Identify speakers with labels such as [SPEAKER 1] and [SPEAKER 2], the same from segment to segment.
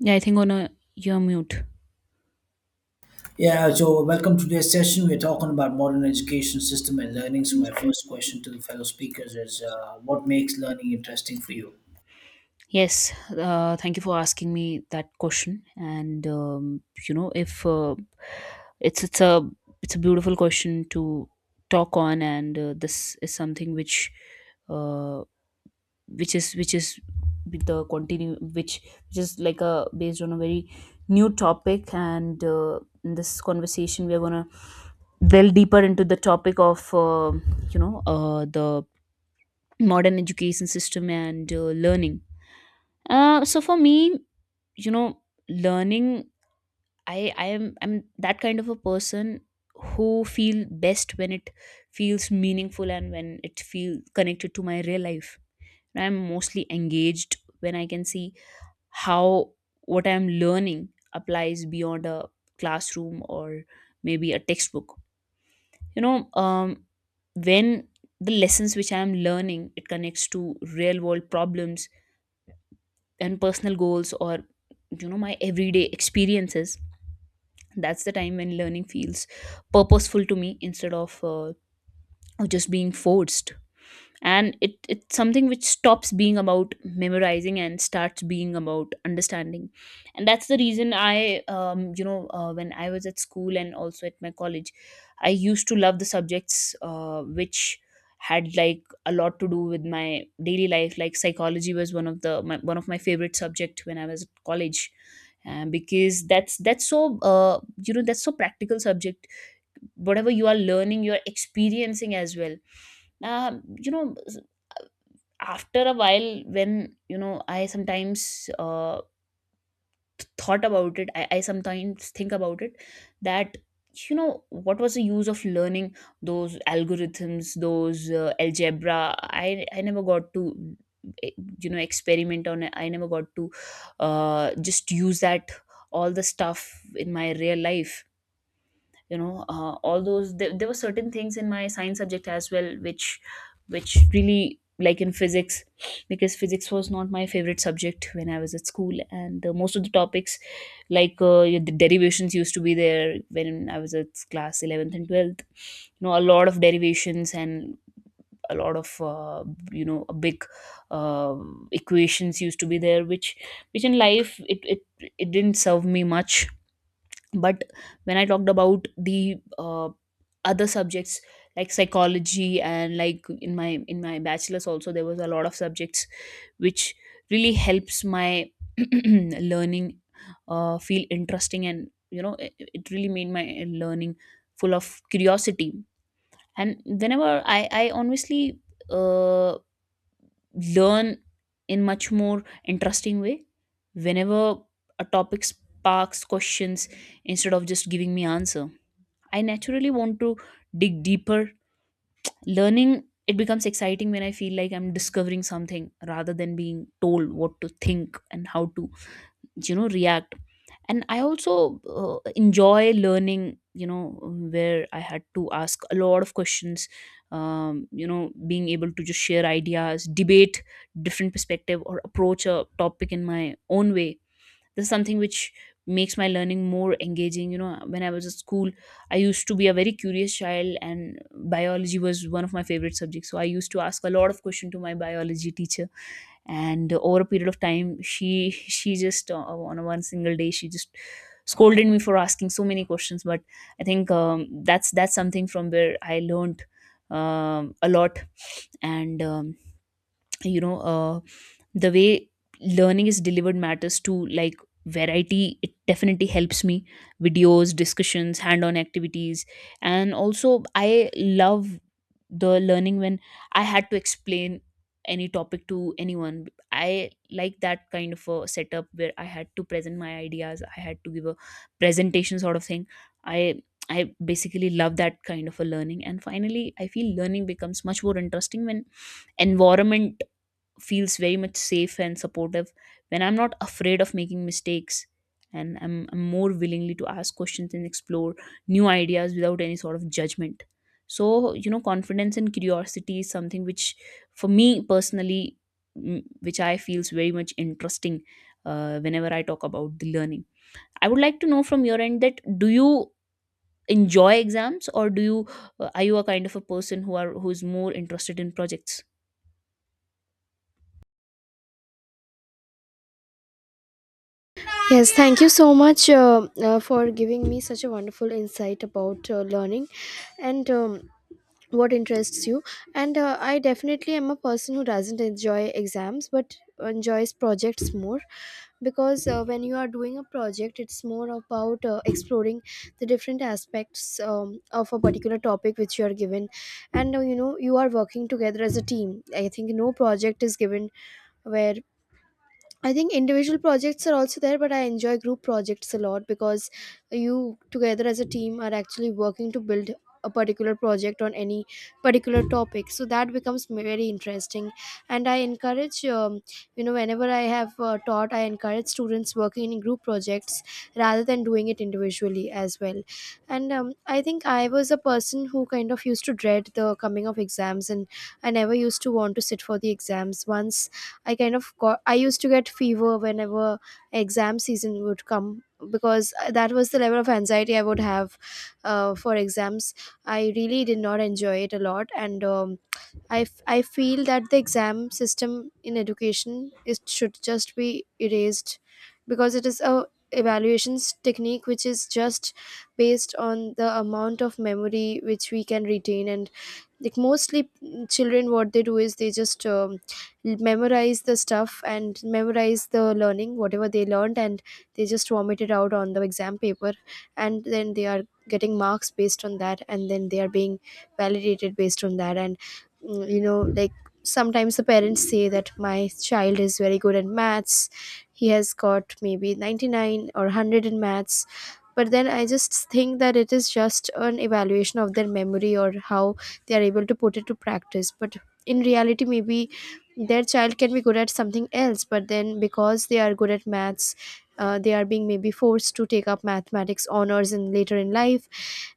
[SPEAKER 1] Yeah, I think on to you're mute.
[SPEAKER 2] Yeah, so welcome to today's session. We're talking about modern education system and learning. So my first question to the fellow speakers is, what makes learning interesting for you?
[SPEAKER 1] Yes, thank you for asking me that question. And if it's it's a it's a beautiful question to talk on. And this is something uh, which is with the continue which is like a based on a very new topic. And in this conversation we are gonna delve deeper into the topic of the modern education system and learning. So for me, you know learning, I'm that kind of a person who feel best when it feels meaningful and when it feel connected to my real life. I'm mostly engaged when I can see how what I'm learning applies beyond a classroom or maybe a textbook. you know um, when the lessons which I am learning, it connects to real world problems and personal goals or my everyday experiences. That's the time when learning feels purposeful to me, instead of just being forced. And it's something which stops being about memorizing and starts being about understanding. And that's the reason I you know when I was at school and also at my college, I used to love the subjects which had like a lot to do with my daily life, like psychology was one of my favorite subject when I was at college, because that's so practical subject. Whatever you are learning, you're experiencing as well. um, you know After a while, when I sometimes thought about it, I sometimes think about it that what was the use of learning those algorithms, those algebra. I never got to eh, experiment on it. I never got to just use that all the stuff in my real life. All those, there were certain things in my science subject as well which really like in physics, because physics was not my favorite subject when I was at school. And most of the topics, like yeah, the derivations used to be there when I was at class 11th and 12th. A lot of derivations and a lot of a big uh, equations used to be there which in life, it didn't serve me much. But when I talked about the other subjects like psychology, and like in my bachelor's, also there was a lot of subjects which really helps my learning feel interesting. And it really made my learning full of curiosity. And whenever I honestly uh, learn in much more interesting way, whenever a topic sparks questions instead of just giving me answer, I naturally want to dig deeper. Learning, it becomes exciting when I feel like I'm discovering something rather than being told what to think and how to react. And I also enjoy learning, where I had to ask a lot of questions. Being able to just share ideas, debate different perspective or approach a topic in my own way, this is something which makes my learning more engaging. When I was at school, I used to be a very curious child, and biology was one of my favorite subjects, so I used to ask a lot of questions to my biology teacher. And over a period of time, she just on a one single day, she just scolded me for asking so many questions. But I think that's something from where I learned a lot. And you know uh, the way learning is delivered matters too. Like variety, it definitely helps me. Videos, discussions, hand on activities. And also I love the learning when I had to explain any topic to anyone. I like that kind of a setup where I had to present my ideas. I had to give a presentation sort of thing. I I basically love that kind of a learning. And finally, I feel learning becomes much more interesting when environment feels very much safe and supportive, when I'm not afraid of making mistakes and I'm more willingly to ask questions and explore new ideas without any sort of judgment. So, confidence and curiosity is something which, for me personally, which I feels very much interesting whenever I talk about the learning. I would like to know from your end that do you enjoy exams or do you are you a kind of a person who's more interested in projects?
[SPEAKER 3] Yes, thank you so much for giving me such a wonderful insight about learning and what interests you. And I definitely am a person who doesn't enjoy exams but enjoys projects more, because when you are doing a project, it's more about exploring the different aspects of a particular topic which you are given. And you are working together as a team. I think no project is given where— I think individual projects are also there, but I enjoy group projects a lot because you together as a team are actually working to build a particular project on any particular topic. So that becomes very interesting. And I encourage, whenever I have taught, I encourage students working in group projects rather than doing it individually as well. And I think I was a person who kind of used to dread the coming of exams, and I never used to want to sit for the exams. Once I kind of got I used to get fever whenever exam season would come, because that was the level of anxiety I would have for exams. I really did not enjoy it a lot, and I feel that the exam system in education is should just be erased, because it is a evaluations technique which is just based on the amount of memory which we can retain, and like mostly children, what they do is they just memorize the stuff and memorize the learning, whatever they learned, and they just vomit it out on the exam paper, and then they are getting marks based on that, and then they are being validated based on that. And like sometimes the parents say that my child is very good at maths, he has got maybe 99 or 100 in maths, but then I just think that it is just an evaluation of their memory or how they are able to put it to practice. But in reality maybe their child can be good at something else, but then because they are good at maths, they are being maybe forced to take up mathematics honors in later in life,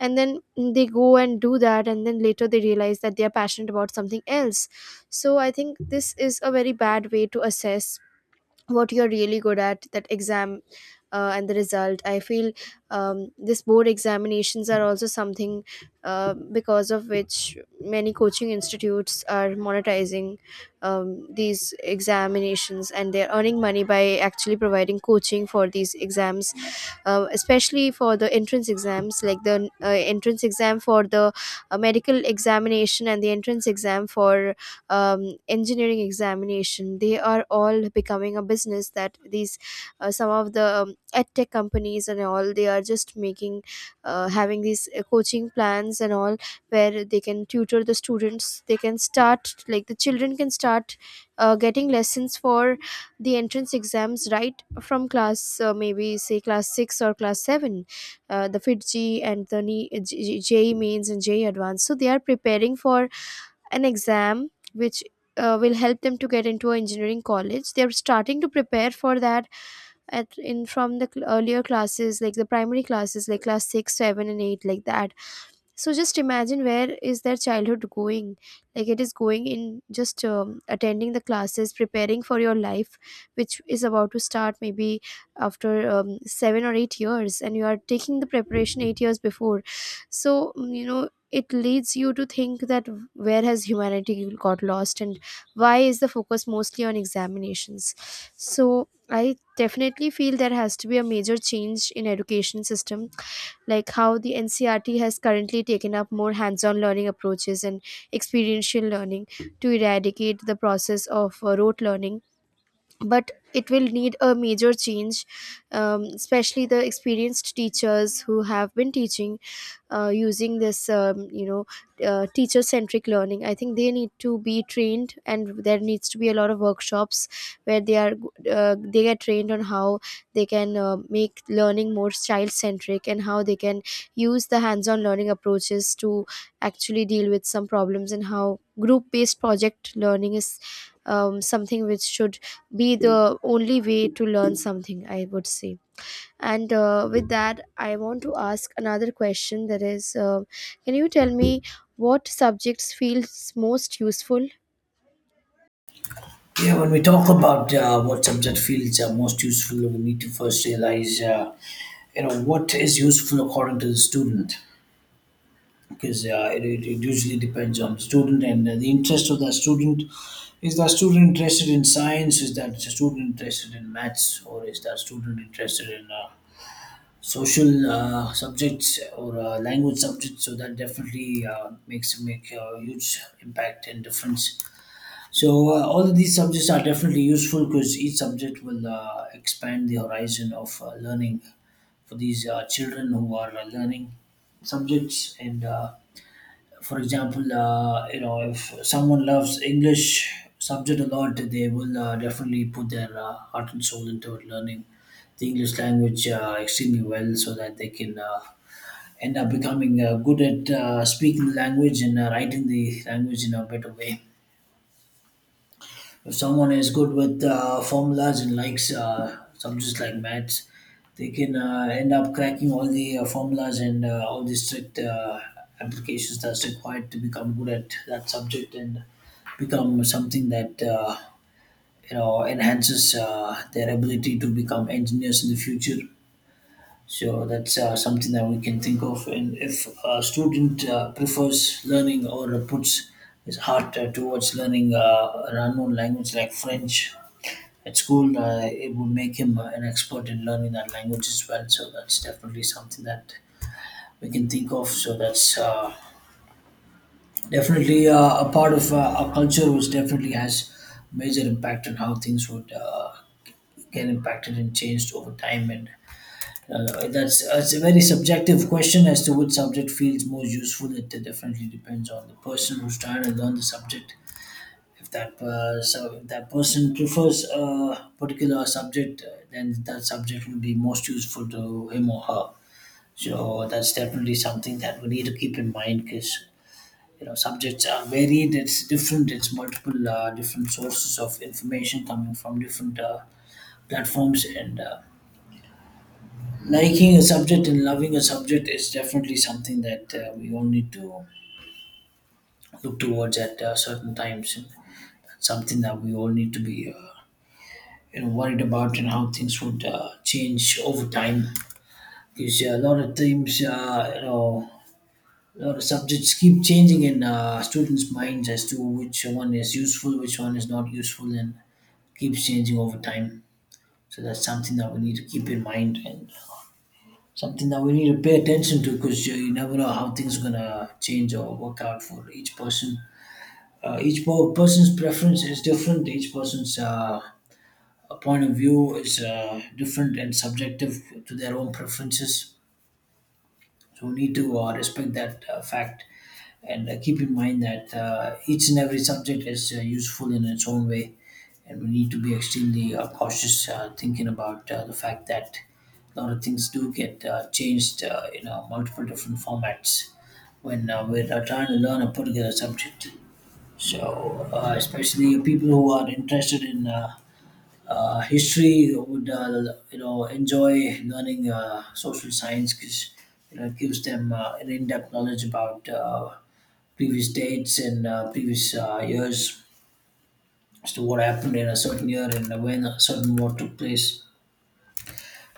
[SPEAKER 3] and then they go and do that, and then later they realize that they are passionate about something else. So I think this is a very bad way to assess what you're really good at, that exam, and the result, I feel. This board examinations are also something because of which many coaching institutes are monetizing these examinations, and they're earning money by actually providing coaching for these exams, especially for the entrance exams like the entrance exam for the medical examination, and the entrance exam for engineering examination. They are all becoming a business, that these, some of the edtech companies and all, they are just making, having these coaching plans and all, where they can tutor the students. They can start, like the children can start getting lessons for the entrance exams right from class, maybe say class 6 or class 7, the fitg and the NE E E mains and je advanced. So they are preparing for an exam which will help them to get into an engineering college. They're starting to prepare for that, at in from the earlier classes, like the primary classes, like class 6, 7, and 8, like that. So just imagine where is their childhood going. Like it is going in just attending the classes, preparing for your life which is about to start maybe after 7 or 8 years, and you are taking the preparation 8 years before. So it leads you to think that where has humanity got lost and why is the focus mostly on examinations. So I definitely feel there has to be a major change in education system, like how the ncrt has currently taken up more hands-on learning approaches and experiential learning, to eradicate the process of rote learning. But it will need a major change, especially the experienced teachers who have been teaching using this, teacher centric learning. I think they need to be trained, and there needs to be a lot of workshops where they get trained on how they can make learning more child centric, and how they can use the hands on learning approaches to actually deal with some problems, and how group based project learning is something which should be the only way to learn something, I would say. And with that I want to ask another question, that is, can you tell me, what subjects feels most useful?
[SPEAKER 2] Yeah, when we talk about what subject fields are most useful, we need to first realize, what is useful according to the student, because it usually depends on the student and the interest of that student. Is that student interested in science? Is that student interested in maths? Or is that student interested in social subjects or language subjects, so that definitely makes make a huge impact and difference. So all of these subjects are definitely useful because each subject will expand the horizon of learning for these children who are learning subjects. And for example, if someone loves English subject a lot, they will definitely put their heart and soul into learning the English language extremely well, so that they can end up becoming good at speaking the language and writing the language in a better way. If someone is good with formulas and likes subjects like maths, they can end up cracking all the formulas and all the strict applications that's required to become good at that subject and become something that enhances their ability to become engineers in the future. So that's something that we can think of. And if a student prefers learning or puts his heart towards learning an unknown language like French at school, it would make him an expert in learning that language as well. So that's definitely something that we can think of. So that's definitely a part of our culture, which definitely has major impact on how things would get impacted and changed over time. And that's it's a very subjective question as to which subject feels most useful. It definitely depends on the person who's trying to learn the subject. If that so if that person prefers a particular subject, then that subject will be most useful to him or her. So that's definitely something that we need to keep in mind, because subjects are varied. It's different. It's multiple different sources of information coming from different platforms. And liking a subject and loving a subject is definitely something that we all need to look towards at certain times, and something that we all need to be worried about, and how things would change over time. Because a lot of subjects keep changing in students' minds as to which one is useful, which one is not useful, and keeps changing over time. So that's something that we need to keep in mind, and something that we need to pay attention to, because you never know how things are gonna change or work out for each person. Each person's preference is different. Each person's point of view is different and subjective to their own preferences. So we need to respect that fact and keep in mind that each and every subject is useful in its own way. And we need to be extremely cautious thinking about the fact that a lot of things do get changed in multiple different formats when we're trying to learn a particular subject. So, especially people who are interested in history would enjoy learning social science, because it gives them an in-depth knowledge about previous dates and previous years as to what happened in a certain year and when a certain war took place.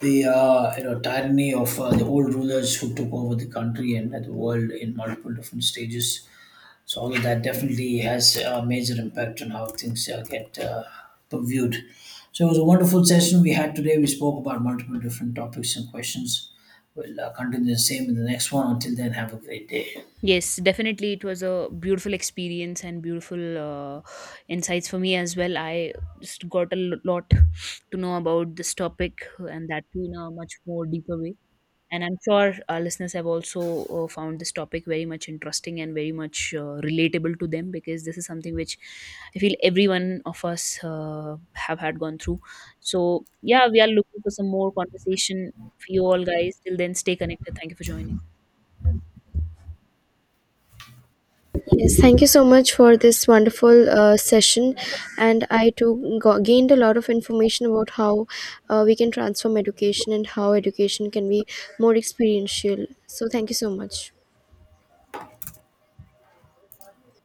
[SPEAKER 2] The tyranny of the old rulers who took over the country and the world in multiple different stages, so all of that definitely has a major impact on how things get viewed. So it was a wonderful session we had today. We spoke about multiple different topics and questions. We'll continue the same in the next one. Until then, have a great day.
[SPEAKER 1] Yes, definitely. It was a beautiful experience and beautiful insights for me as well. I just got a lot to know about this topic, and that too in a much more deeper way. And I'm sure our listeners have also found this topic very much interesting and very much relatable to them, because this is something which I feel every one of us have had gone through. So, yeah, we are looking for some more conversation for you all guys. Till then, stay connected. Thank you for joining.
[SPEAKER 3] Yes, thank you so much for this wonderful session, and I too gained a lot of information about how we can transform education and how education can be more experiential. So thank you so much.